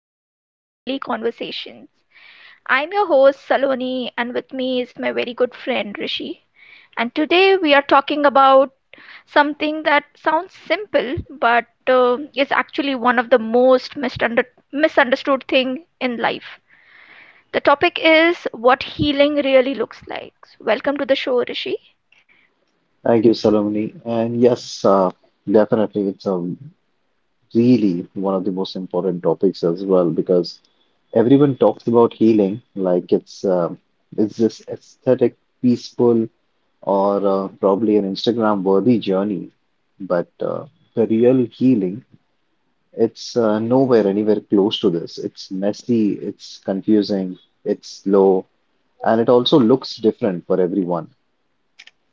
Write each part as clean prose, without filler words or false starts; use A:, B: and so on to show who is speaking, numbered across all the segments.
A: episode of Daily Conversations. I'm your host, Saloni, and with me is my very good friend, Rishi. And today we are talking about something that sounds simple, but is actually one of the most misunderstood thing in life. The topic is what healing really looks like. Welcome to the show, Rishi.
B: Thank you, Saloni. And yes, definitely, it's a really one of the most important topics as well because everyone talks about healing like it's this aesthetic, peaceful, or probably an Instagram-worthy journey. But The real healing, it's nowhere anywhere close to this. It's messy, it's confusing, it's slow, and it also looks different for everyone.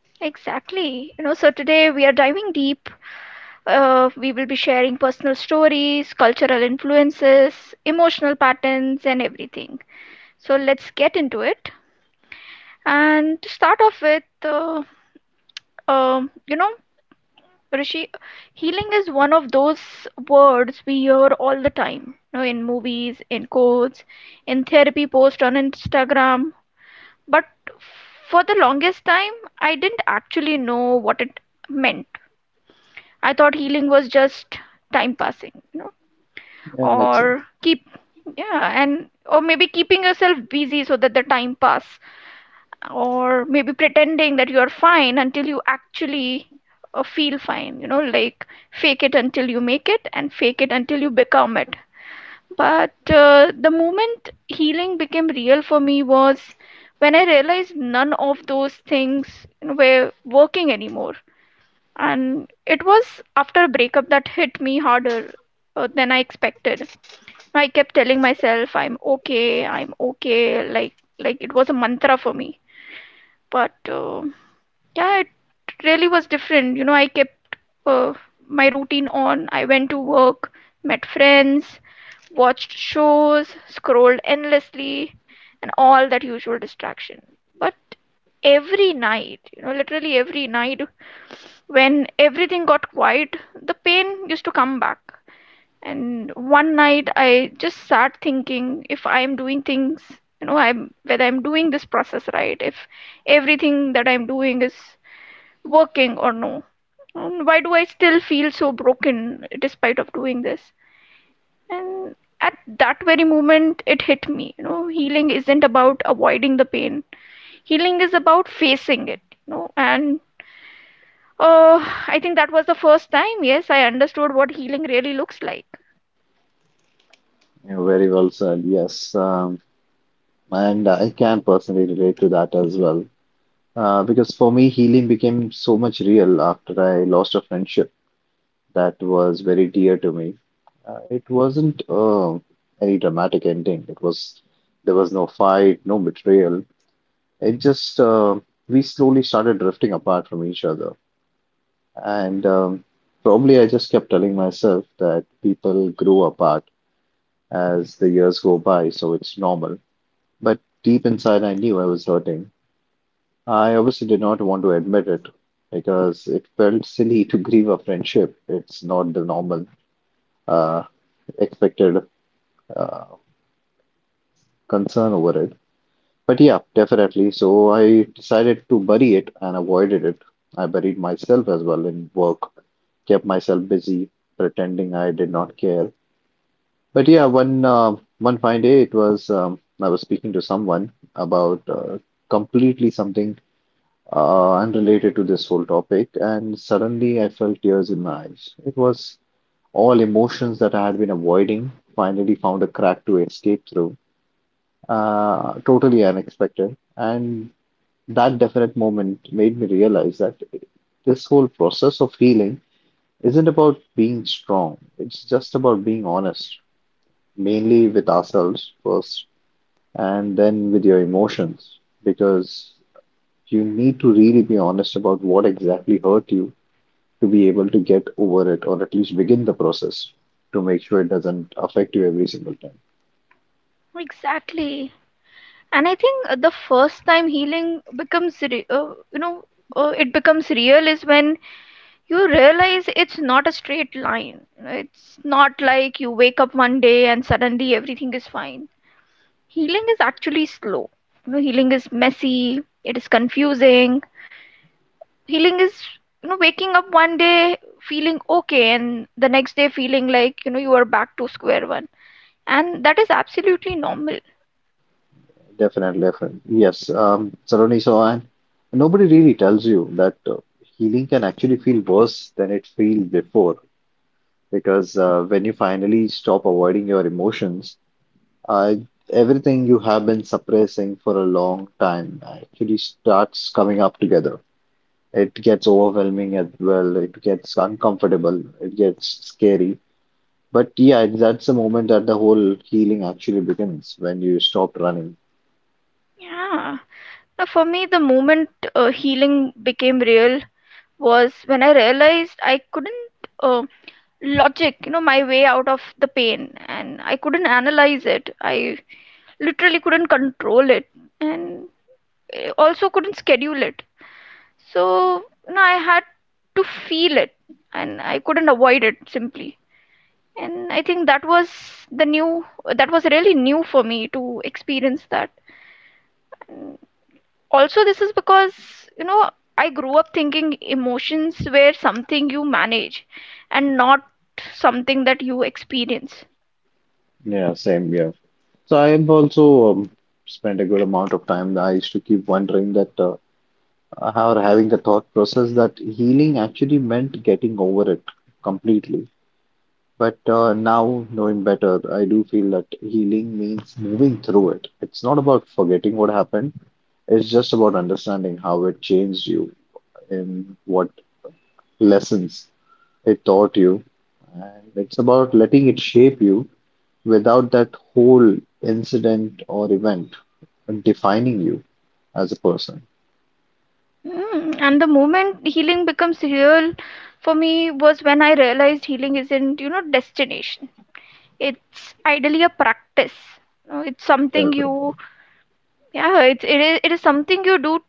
A: Exactly. So today we are diving deep. We will be sharing personal stories, cultural influences, emotional patterns, and everything. So let's get into it. And to start off with, um, you know, Rishi, healing is one of those words we hear all the time, you know, in movies, in quotes, in therapy posts on Instagram. But for the longest time, I didn't actually know what it meant. I thought healing was just time passing,
B: Yeah, makes sense.
A: or keep or maybe keeping yourself busy so that the time pass, or maybe pretending that you're fine until you actually feel fine, you know, like fake it until you make it and fake it until you become it. But the moment healing became real for me was when I realized none of those things, you know, were working anymore. And it was after a breakup that hit me harder than I expected. I kept telling myself I'm okay, like it was a mantra for me. But yeah, it really was different. You know, I kept uh, my routine on. I went to work, met friends, watched shows, scrolled endlessly, and all that usual distraction. But every night, you know, literally every night, when everything got quiet, the pain used to come back. And one night I just sat thinking if I'm doing things, you know, I'm whether I'm doing this process right, if everything that I'm doing is working or no. And why do I still feel so broken despite of doing this? And at that very moment it hit me, you know, healing isn't about avoiding the pain. Healing is about facing it, you know. And I think that was the first time, yes, I understood what healing really looks like.
B: Yeah, very well said. Yes. Um, And I can personally relate to that as well. Because for me, healing became so much real after I lost a friendship that was very dear to me. It wasn't any dramatic ending. It was There was no fight, no betrayal. It just We slowly started drifting apart from each other, and probably I just kept telling myself that people grow apart as the years go by, so it's normal. But deep inside, I knew I was hurting. I obviously did not want to admit it because it felt silly to grieve a friendship. It's not the normal uh, expected uh, concern over it. But yeah, definitely. So I decided to bury it and avoided it. I buried myself as well in work, kept myself busy, pretending I did not care. But yeah, one fine day, it was I was speaking to someone about completely something unrelated to this whole topic, and suddenly I felt tears in my eyes. It was all emotions that I had been avoiding, finally found a crack to escape through, totally unexpected. And that definite moment made me realize that this whole process of healing isn't about being strong, it's just about being honest, mainly with ourselves first, and then with your emotions, because you need to really be honest about what exactly hurt you to be able to get over it or at least begin the process to make sure it doesn't affect you every single time.
A: Exactly. And I think the first time healing becomes re- you know it becomes real is when you realize it's not a straight line. It's not like you wake up one day and suddenly everything is fine. Healing is actually slow. You know, healing is messy, it is confusing. Healing is, you know, waking up one day feeling okay and the next day feeling like, you know, you are back to square one. And that is absolutely normal.
B: Definitely, definitely. Yes. Saroni, so I, nobody really tells you that healing can actually feel worse than it feels before because when you finally stop avoiding your emotions, uh, everything you have been suppressing for a long time actually starts coming up together. It gets overwhelming as well. It gets uncomfortable. It gets scary. But yeah, that's the moment that the whole healing actually begins when you stop running.
A: Yeah. Now, for me, the moment healing became real was when I realized I couldn't uh, logic, you know, my way out of the pain, and I couldn't analyze it. I literally couldn't control it, and also couldn't schedule it. So, you know, I had to feel it, and I couldn't avoid it simply. And I think that was the new, that was really new for me to experience that. Also this is because, you know, I grew up thinking emotions were something you manage and not something that you experience.
B: Yeah, same here. So I've also spent a good amount of time. I used to keep wondering that or having the thought process that healing actually meant getting over it completely. But now, knowing better, I do feel that healing means moving through it. It's not about forgetting what happened. It's just about understanding how it changed you and what lessons it taught you. And it's about letting it shape you without that whole incident or event defining you as a person.
A: Mm, and the moment healing becomes real for me was when I realized healing isn't, you know, destination. It's ideally a practice. You know, it's something
B: That's right.
A: you, yeah, it is something you do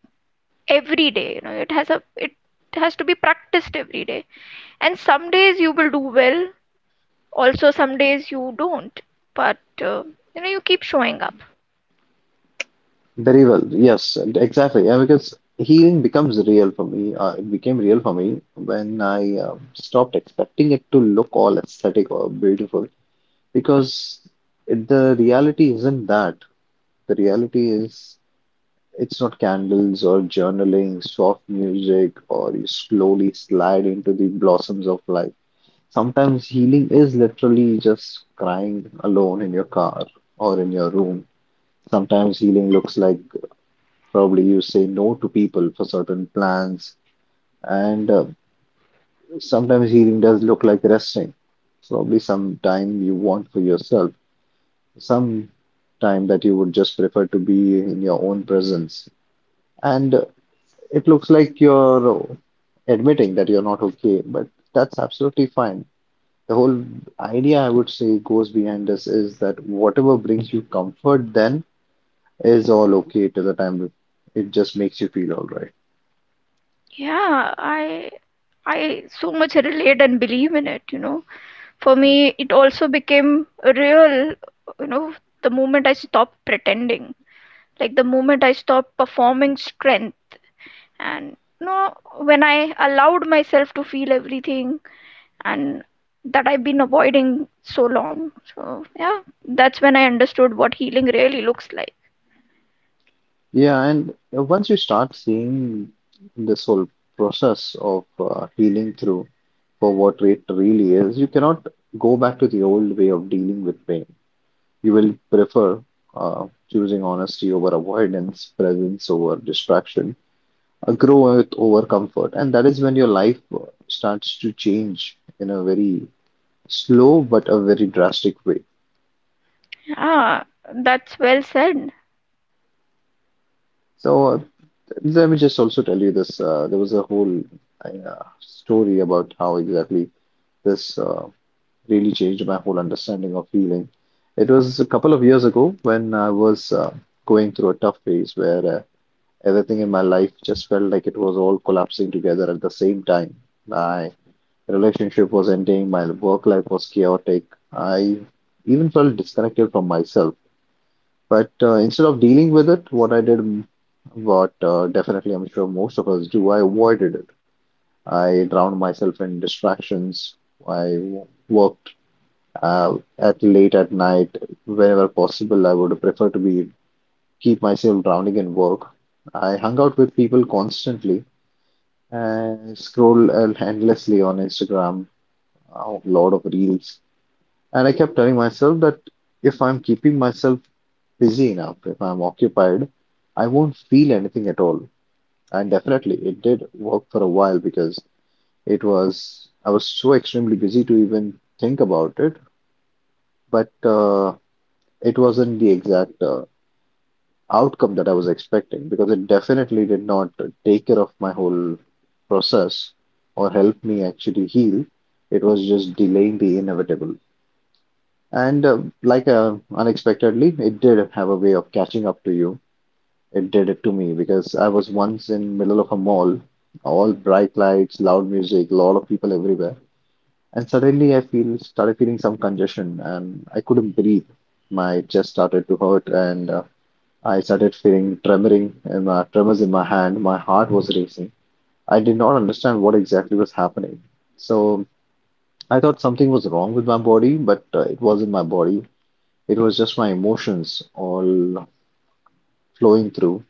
A: every day. You know, it has to be practiced every day. And some days you will do well, also some days you don't. But you know, you keep showing up.
B: Very well. Yes, and exactly. Yeah, because healing becomes real for me. It became real for me when I stopped expecting it to look all aesthetic or beautiful because it, the reality isn't that. The reality is, it's not candles or journaling, soft music, or you slowly slide into the blossoms of life. Sometimes healing is literally just crying alone in your car or in your room. Sometimes healing looks like probably you say no to people for certain plans, and sometimes healing does look like resting. Probably some time you want for yourself, some time that you would just prefer to be in your own presence. And it looks like you're admitting that you're not okay, but that's absolutely fine. The whole idea, I would say, goes behind this is that whatever brings you comfort then is all okay till the time it just makes you feel all right.
A: Yeah, I so much relate and believe in it. You know, for me it also became real. You know, the moment I stopped pretending, like the moment I stopped performing strength. And, you know, when I allowed myself to feel everything and that I've been avoiding so long. So yeah, that's when I understood what healing really looks like.
B: Yeah, and once you start seeing this whole process of healing through for what it really is, you cannot go back to the old way of dealing with pain. You will prefer choosing honesty over avoidance, presence over distraction, a growth over comfort. And that is when your life starts to change in a very slow but a very drastic way.
A: Yeah, that's well said.
B: So, let me just also tell you this. There was a whole story about how exactly this really changed my whole understanding of healing. It was a couple of years ago when I was going through a tough phase where everything in my life just felt like it was all collapsing together at the same time. My relationship was ending, my work life was chaotic. I even felt disconnected from myself. But instead of dealing with it, what I did, what definitely I'm sure most of us do, I avoided it. I drowned myself in distractions. I worked at late at night whenever possible. I would prefer to be keep myself drowning in work. I hung out with people constantly and scroll endlessly on Instagram, a lot of reels. And I kept telling myself that if I'm keeping myself busy enough, if I'm occupied, I won't feel anything at all. And definitely it did work for a while because it was, I was so extremely busy to even think about it, but it wasn't the exact outcome that I was expecting because it definitely did not take care of my whole process or help me actually heal. It was just delaying the inevitable. And unexpectedly, it did have a way of catching up to you. It did it to me because I was once in middle of a mall, all bright lights, loud music, lot of people everywhere. And suddenly I feel started feeling some congestion and I couldn't breathe. My chest started to hurt and I started feeling tremoring in my, tremors in my hand. My heart was racing. I did not understand what exactly was happening. So I thought something was wrong with my body, but it wasn't my body. It was just my emotions all flowing through.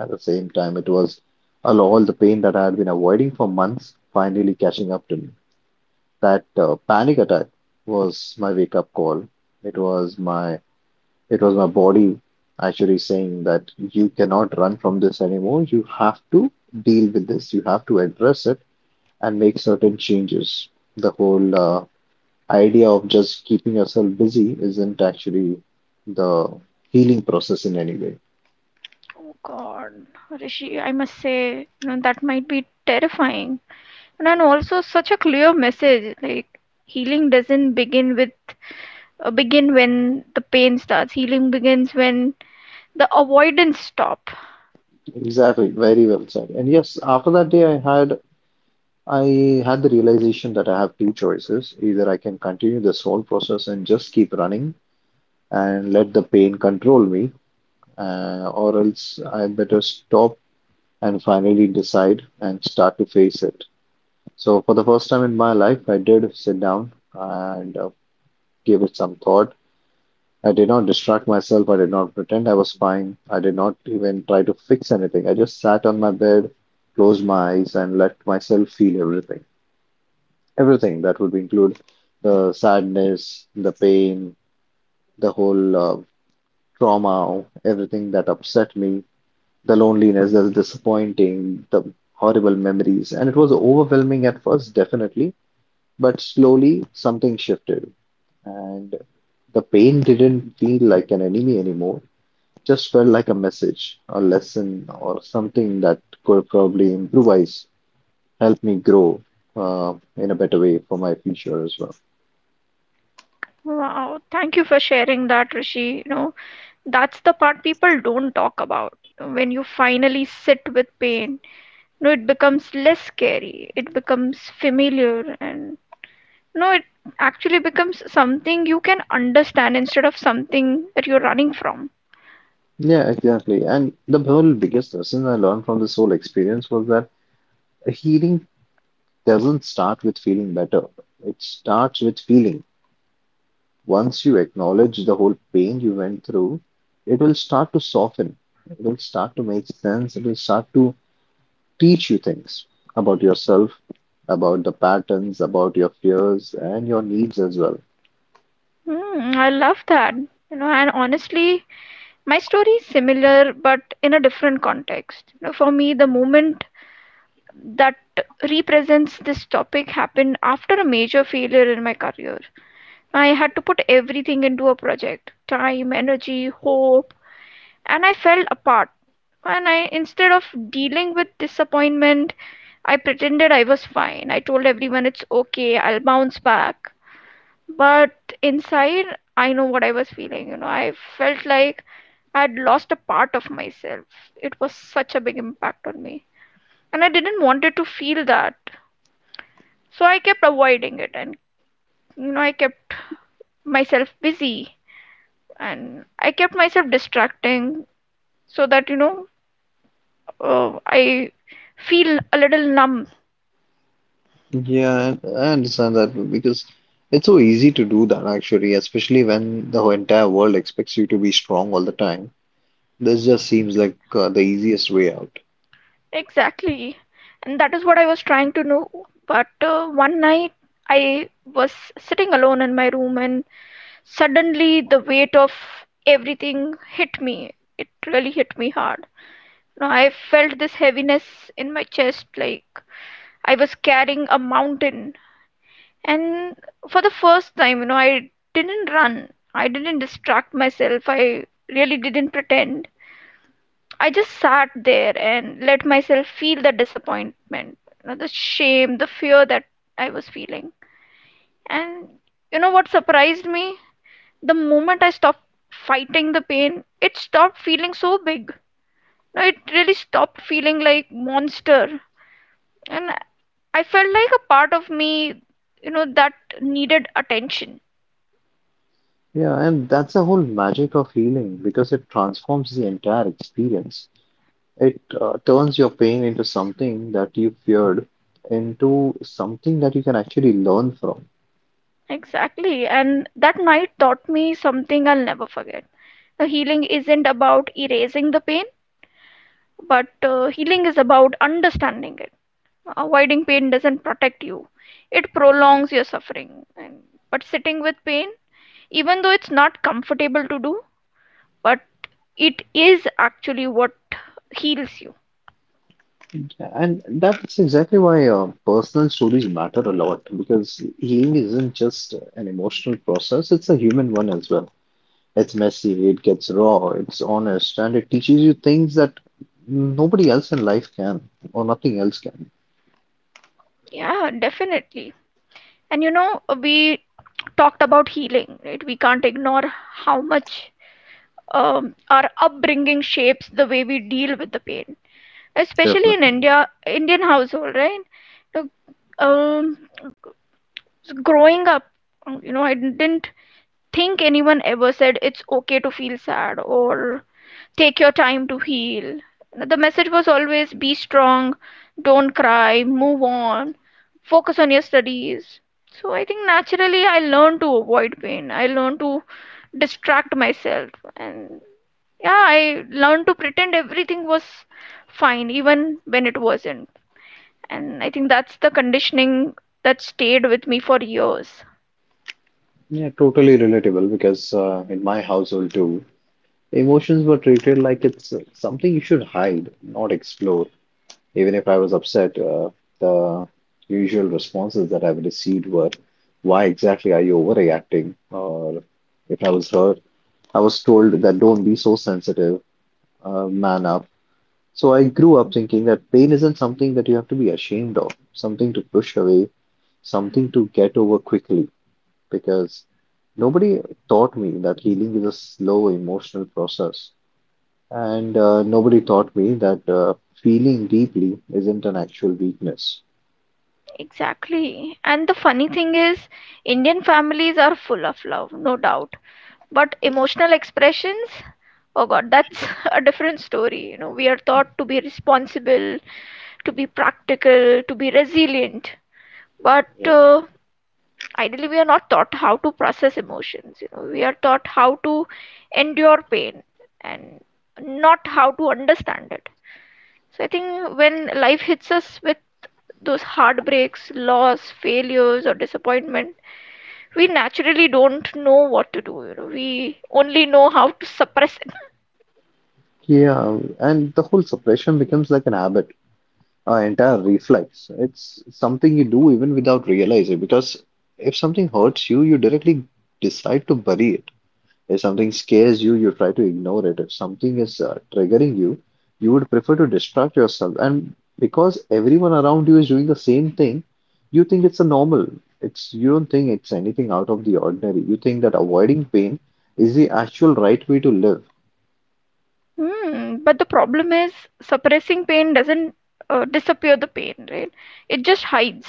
B: At the same time, it was all the pain that I had been avoiding for months finally catching up to me. That panic attack was my wake up call. It was my, it was my body actually saying that you cannot run from this anymore. You have to deal with this. You have to address it and make certain changes. The whole idea of just keeping yourself busy isn't actually the healing process in any way.
A: Oh God, Rishi, I must say, you know, that might be terrifying. And then also such a clear message, like healing doesn't begin with begin when the pain starts. Healing begins when the avoidance stop.
B: Exactly, very well said. And yes, after that day, I had the realization that I have two choices. Either I can continue this whole process and just keep running and let the pain control me, or else I better stop and finally decide and start to face it. So, for the first time in my life, I did sit down and gave it some thought. I did not distract myself. I did not pretend I was fine. I did not even try to fix anything. I just sat on my bed, closed my eyes, and let myself feel everything. Everything that would include the sadness, the pain, the whole trauma, everything that upset me, the loneliness, the disappointing, the horrible memories. And it was overwhelming at first, definitely, but slowly something shifted. And the pain didn't feel like an enemy anymore, just felt like a message, a lesson, or something that could probably improvise, help me grow in a better way for my future as well.
A: Wow, thank you for sharing that, Rishi. You know, that's the part people don't talk about. When you finally sit with pain, you know, it becomes less scary. It becomes familiar. And no, it actually becomes something you can understand instead of something that you're running from.
B: Yeah, exactly. And the whole biggest lesson I learned from this whole experience was that a healing doesn't start with feeling better. It starts with feeling. Once you acknowledge the whole pain you went through, it will start to soften. It will start to make sense. It will start to teach you things about yourself, about the patterns, about your fears, and your needs as well.
A: Hmm, I love that. You know, and honestly, my story is similar but in a different context. You know, for me, the moment that represents this topic happened after a major failure in my career. I had to put everything into a project, time, energy, hope, and I fell apart. And I, instead of dealing with disappointment, I pretended I was fine. I told everyone it's okay, I'll bounce back. But inside, I know what I was feeling. You know, I felt like I had lost a part of myself. It was such a big impact on me. And I didn't want it to feel that. So I kept avoiding it. And, you know, I kept myself busy. And I kept myself distracting so that, you know, I feel a little numb.
B: Yeah, I understand that because it's so easy to do that actually, especially when the whole entire world expects you to be strong all the time. This just seems like the easiest way out.
A: Exactly. And that is what I was trying to know. But one night I was sitting alone in my room and suddenly the weight of everything hit me. It really hit me hard. You know, I felt this heaviness in my chest like I was carrying a mountain. And for the first time, you know, I didn't run. I didn't distract myself. I really didn't pretend. I just sat there and let myself feel the disappointment, you know, the shame, the fear that I was feeling. And you know what surprised me? The moment I stopped fighting the pain, it stopped feeling so big. No, it really stopped feeling like monster. And I felt like a part of me, you know, that needed attention.
B: Yeah, and that's the whole magic of healing because it transforms the entire experience. It turns your pain into something that you feared into something that you can actually learn from.
A: Exactly. And that night taught me something I'll never forget. The healing isn't about erasing the pain, but healing is about understanding it. Avoiding pain doesn't protect you, it prolongs your suffering. And but sitting with pain, even though it's not comfortable to do, but it is actually what heals you.
B: And that's exactly why personal stories matter a lot because healing isn't just an emotional process, it's a human one as well. It's messy, it gets raw, it's honest, and it teaches you things that nobody else in life can, or nothing else can.
A: Yeah, definitely. And you know, we talked about healing, right? We can't ignore how much our upbringing shapes the way we deal with the pain, especially in
B: Definitely.
A: Indian household, right? Look, um so growing up, you know, I didn't think anyone ever said it's okay to feel sad or take your time to heal. The message was always be strong, don't cry, move on, focus on your studies. So I think naturally I learned to avoid pain. I learned to distract myself and yeah, I learned to pretend everything was fine even when it wasn't. And I think that's the conditioning that stayed with me for years.
B: Yeah, totally relatable because in my household too, emotions were treated like it's something you should hide, not explore. Even if I was upset, the usual responses that I've received were, why exactly are you overreacting? Or if I was hurt, I was told that don't be so sensitive, man up. So I grew up thinking that pain isn't something that you have to be ashamed of, something to push away, something to get over quickly, because nobody taught me that healing is a slow emotional process. And nobody taught me that feeling deeply isn't an actual weakness.
A: Exactly. And the funny thing is, Indian families are full of love, no doubt. But emotional expressions, oh God, that's a different story. You know, we are taught to be responsible, to be practical, to be resilient. But
B: Yeah,
A: ideally, we are not taught how to process emotions. You know, we are taught how to endure pain and not how to understand it. So I think when life hits us with those heartbreaks, loss, failures, or disappointment, we naturally don't know what to do. You know, we only know how to suppress it.
B: Yeah, and the whole suppression becomes like an habit, an entire reflex. It's something you do even without realizing, because if something hurts you, you directly decide to bury it. If something scares you, you try to ignore it. If something is triggering you, you would prefer to distract yourself. And because everyone around you is doing the same thing, you think it's a normal. It's you don't think it's anything out of the ordinary. You think that avoiding pain is the actual right way to live.
A: Hmm, but the problem is suppressing pain doesn't disappear the pain, right? It just hides.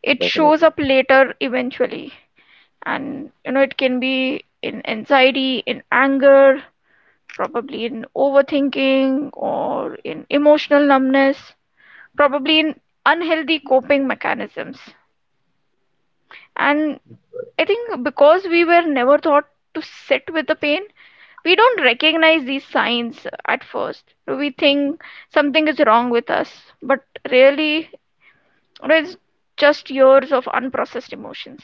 A: It shows
B: Definitely.
A: up later eventually, and you know it can be in anxiety, in anger, probably in overthinking or in emotional numbness, probably in unhealthy coping mechanisms. And I think because we were never taught to sit with the pain, we don't recognize these signs at first. We think something is wrong with us, but really, it's just years of unprocessed emotions.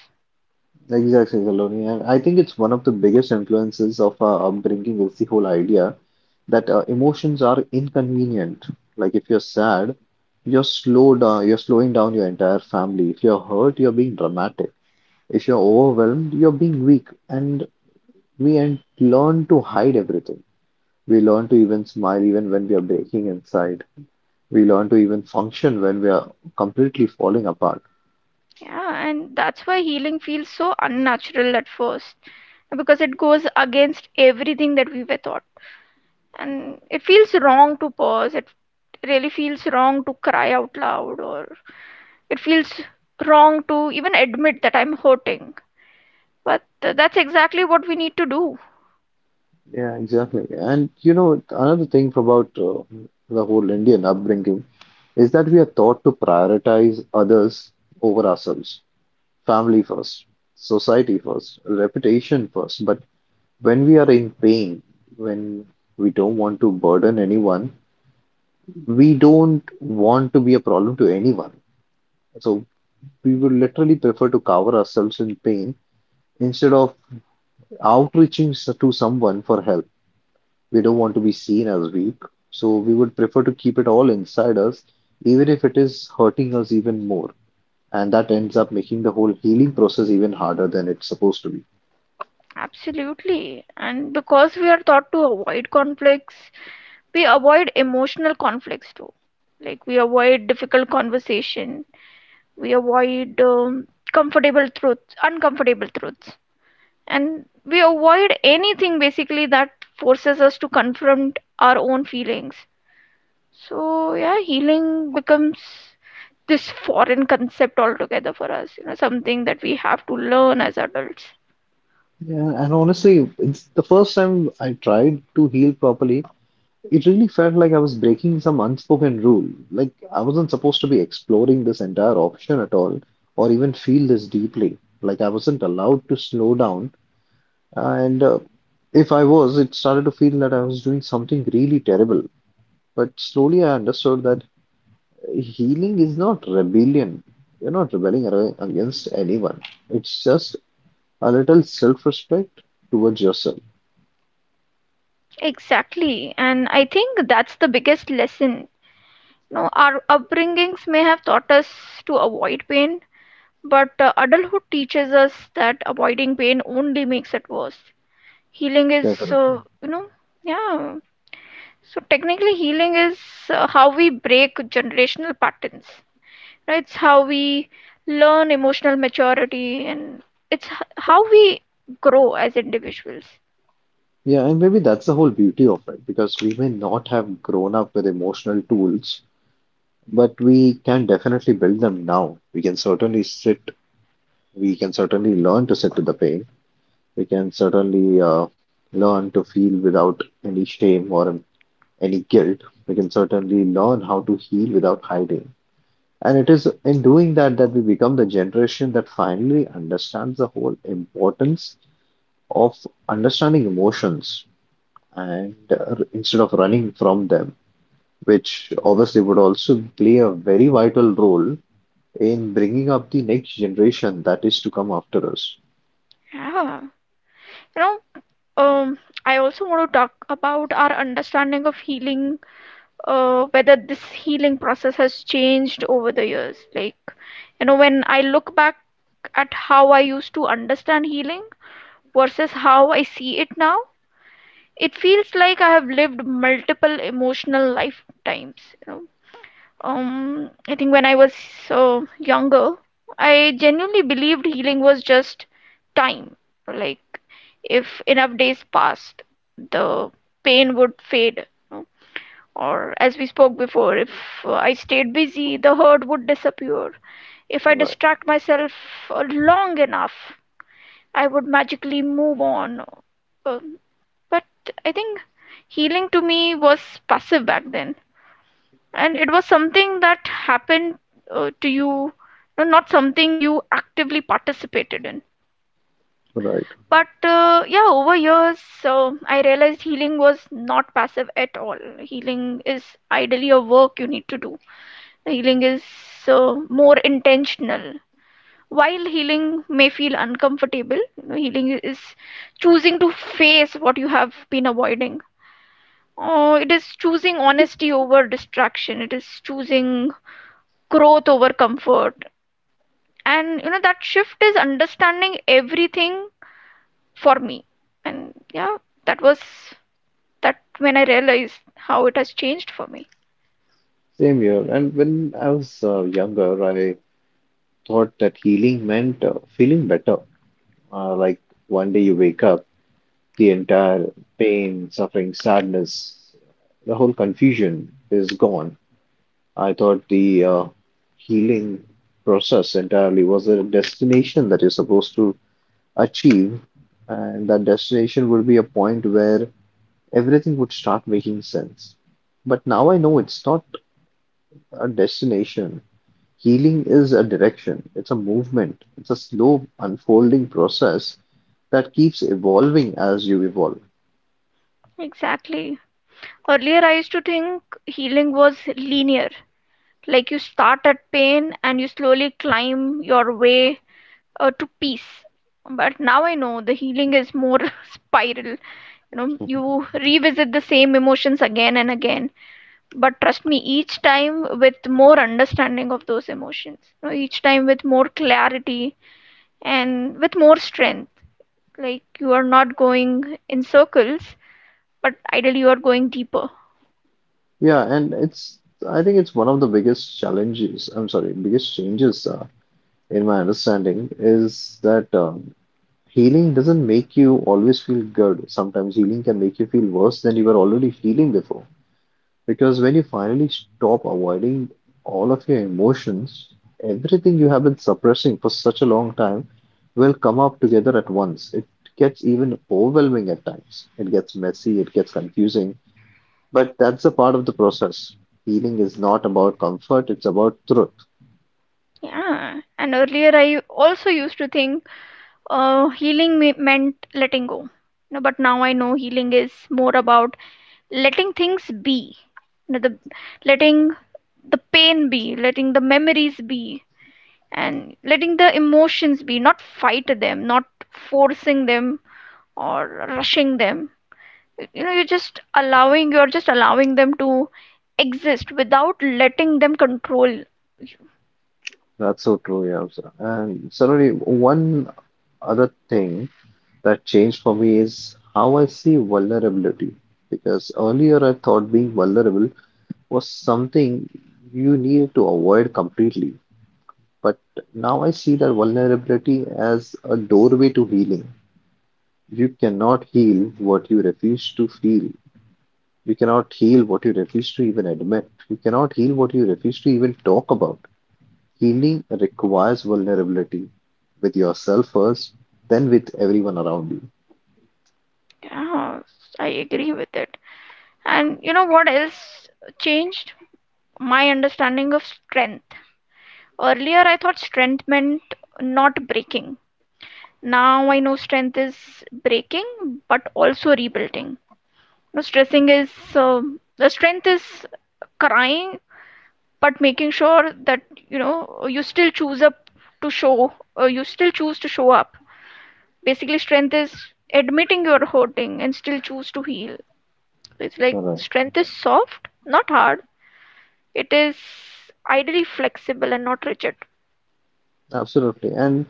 B: Exactly, Saloni. And I think it's one of the biggest influences of our upbringing is the whole idea that emotions are inconvenient. Like if you're sad, you're slow down, you're slowing down your entire family. If you're hurt, you're being dramatic. If you're overwhelmed, you're being weak. And we and learn to hide everything. We learn to even smile even when we are breaking inside. We learn to even function when we are completely falling apart.
A: Yeah, and that's why healing feels so unnatural at first because it goes against everything that we were taught. And it feels wrong to pause, it really feels wrong to cry out loud, or it feels wrong to even admit that I'm hurting. But that's exactly what we need to do.
B: Yeah, exactly. And you know, another thing about the whole Indian upbringing is that we are taught to prioritize others over ourselves, family first, society first, reputation first. But when we are in pain, when we don't want to burden anyone, we don't want to be a problem to anyone. So we would literally prefer to cover ourselves in pain instead of to someone for help. We don't want to be seen as weak, so we would prefer to keep it all inside us, even if it is hurting us even more. And that ends up making the whole healing process even harder than it's supposed to be.
A: Absolutely. And because we are taught to avoid conflicts, we avoid emotional conflicts too. Like we avoid difficult conversation, we avoid comfortable truths, uncomfortable truths, and we avoid anything basically that forces us to confront our own feelings. So yeah, healing becomes this foreign concept altogether for us, you know, something that we have to learn as adults.
B: Yeah, and honestly, it's the first time I tried to heal properly, it really felt like I was breaking some unspoken rule. Like I wasn't supposed to be exploring this entire option at all, or even feel this deeply. Like I wasn't allowed to slow down. And if I was, it started to feel that I was doing something really terrible. But slowly I understood that healing is not rebellion. You're not against anyone. It's just a little self-respect towards yourself.
A: Exactly, and I think that's the biggest lesson. No, our upbringings may have taught us to avoid pain, but adulthood teaches us that avoiding pain only makes it worse. Healing is,
B: Definitely.
A: yeah. So technically, healing is how we break generational patterns, right? It's how we learn emotional maturity, and how we grow as individuals.
B: Yeah, and maybe that's the whole beauty of it, because we may not have grown up with emotional tools, but we can definitely build them now. We can certainly sit, we can certainly learn to sit with the pain, we can certainly learn to feel without any shame or any guilt. We can certainly learn how to heal without hiding. And it is in doing that that we become the generation that finally understands the whole importance of understanding emotions and instead of running from them, which obviously would also play a very vital role in bringing up the next generation that is to come after us.
A: Yeah. You know, um, I also want to talk about our understanding of healing, whether this healing process has changed over the years. Like, you know, when I look back at how I used to understand healing versus how I see it now, it feels like I have lived multiple emotional lifetimes. I think when I was younger, I genuinely believed healing was just time. Like, if enough days passed, the pain would fade, no? Or, as we spoke before, if I stayed busy, the hurt would disappear. If I
B: Right,
A: distract myself long enough, I would magically move on. Uh, but I think healing to me was passive back then. And it was something that happened to you, no, not something you actively participated in.
B: right.
A: But yeah, over years, so I realized healing was not passive at all. Healing is ideally a work you need to do. Healing is more intentional. While healing may feel uncomfortable, healing is choosing to face what you have been avoiding. Oh, it is choosing honesty over distraction. It is choosing growth over comfort. And you know that shift is understanding everything for me, and yeah, that was that when I realized how it has changed for me.
B: Same here. And when I was younger, I thought that healing meant feeling better. Like one day you wake up, the entire pain, suffering, sadness, the whole confusion is gone. I thought the healing process entirely was a destination that you're supposed to achieve, and that destination would be a point where everything would start making sense. But now I know it's not a destination. Healing is a direction, it's a movement, it's a slow unfolding process that keeps evolving as you evolve.
A: Exactly, earlier I used to think healing was linear, like you start at pain and you slowly climb your way to peace, but now I know the healing is more spiral. You know, you revisit the same emotions again and again, but trust me, each time with more understanding of those emotions, you know, each time with more clarity and with more strength. Like, you are not going in circles, but ideally you are going deeper.
B: Yeah, and it's I think it's one of the biggest challenges, I'm sorry, biggest changes in my understanding is that healing doesn't make you always feel good. Sometimes healing can make you feel worse than you were already feeling before. Because when you finally stop avoiding all of your emotions, everything you have been suppressing for such a long time will come up together at once. It gets even overwhelming at times. It gets messy, it gets confusing, but that's a part of the process. Healing is not about comfort, it's about truth.
A: Yeah, and earlier I also used to think meant letting go, no, but now I know healing is more about letting things be. You know, the letting the pain be, letting the memories be, and letting the emotions be, not fight them, not forcing them or rushing them. You know, you're just allowing them to exist without letting them control you.
B: That's so true, yeah. also. And suddenly, one other thing that changed for me is how I see vulnerability. Because earlier I thought being vulnerable was something you needed to avoid completely. But now I see that vulnerability as a doorway to healing. You cannot heal what you refuse to feel. You cannot heal what you refuse to even admit. You cannot heal what you refuse to even talk about. Healing requires vulnerability with yourself first, then with everyone around you.
A: Yeah, I agree with it. And you know what else changed? My understanding of strength. Earlier I thought strength meant not breaking. Now I know strength is breaking but also rebuilding. No, stressing is, um, the strength is crying, but making sure that, you know, to show you still choose to show up. Basically strength is admitting you're hurting and still choose to heal. It's like
B: All right.
A: strength is soft, not hard. It is ideally flexible and not rigid.
B: Absolutely. And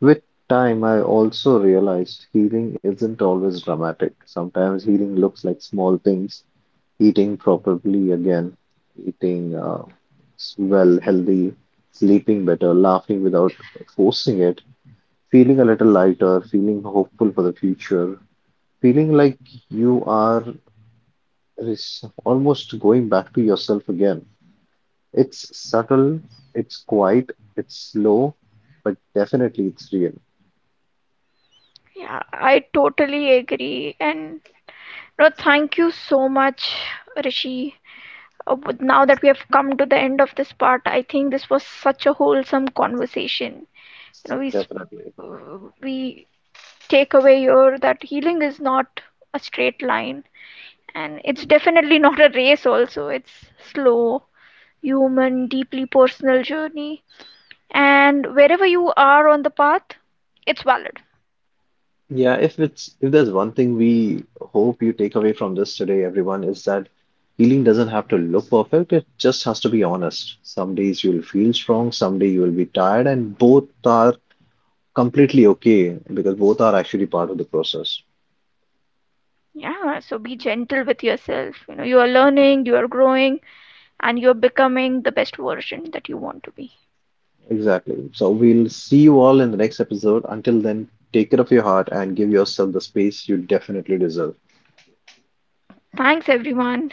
B: with time, I also realized healing isn't always dramatic. Sometimes healing looks like small things, eating properly again, eating well, healthy, sleeping better, laughing without forcing it, feeling a little lighter, feeling hopeful for the future, feeling like you are almost going back to yourself again. It's subtle, it's quiet, it's slow, but definitely it's real.
A: Yeah, I totally agree. And no, thank you so much, Rishi. Now that we have come to the end of this part, I think this was such a wholesome conversation. You know,
B: Definitely.
A: we takeaway here that healing is not a straight line, and it's definitely not a race also. It's slow, human, deeply personal journey, and wherever you are on the path, it's valid.
B: Yeah, if it's if there's one thing we hope you take away from this today, everyone, is that healing doesn't have to look perfect. It just has to be honest. Some days you'll feel strong, some day you will be tired, and both are completely okay because both are actually part of the process.
A: Yeah, so be gentle with yourself. You know, you are learning, you are growing, and you're becoming the best version that you want to be.
B: Exactly. So we'll see you all in the next episode. Until then, take care of your heart and give yourself the space you definitely deserve.
A: Thanks everyone.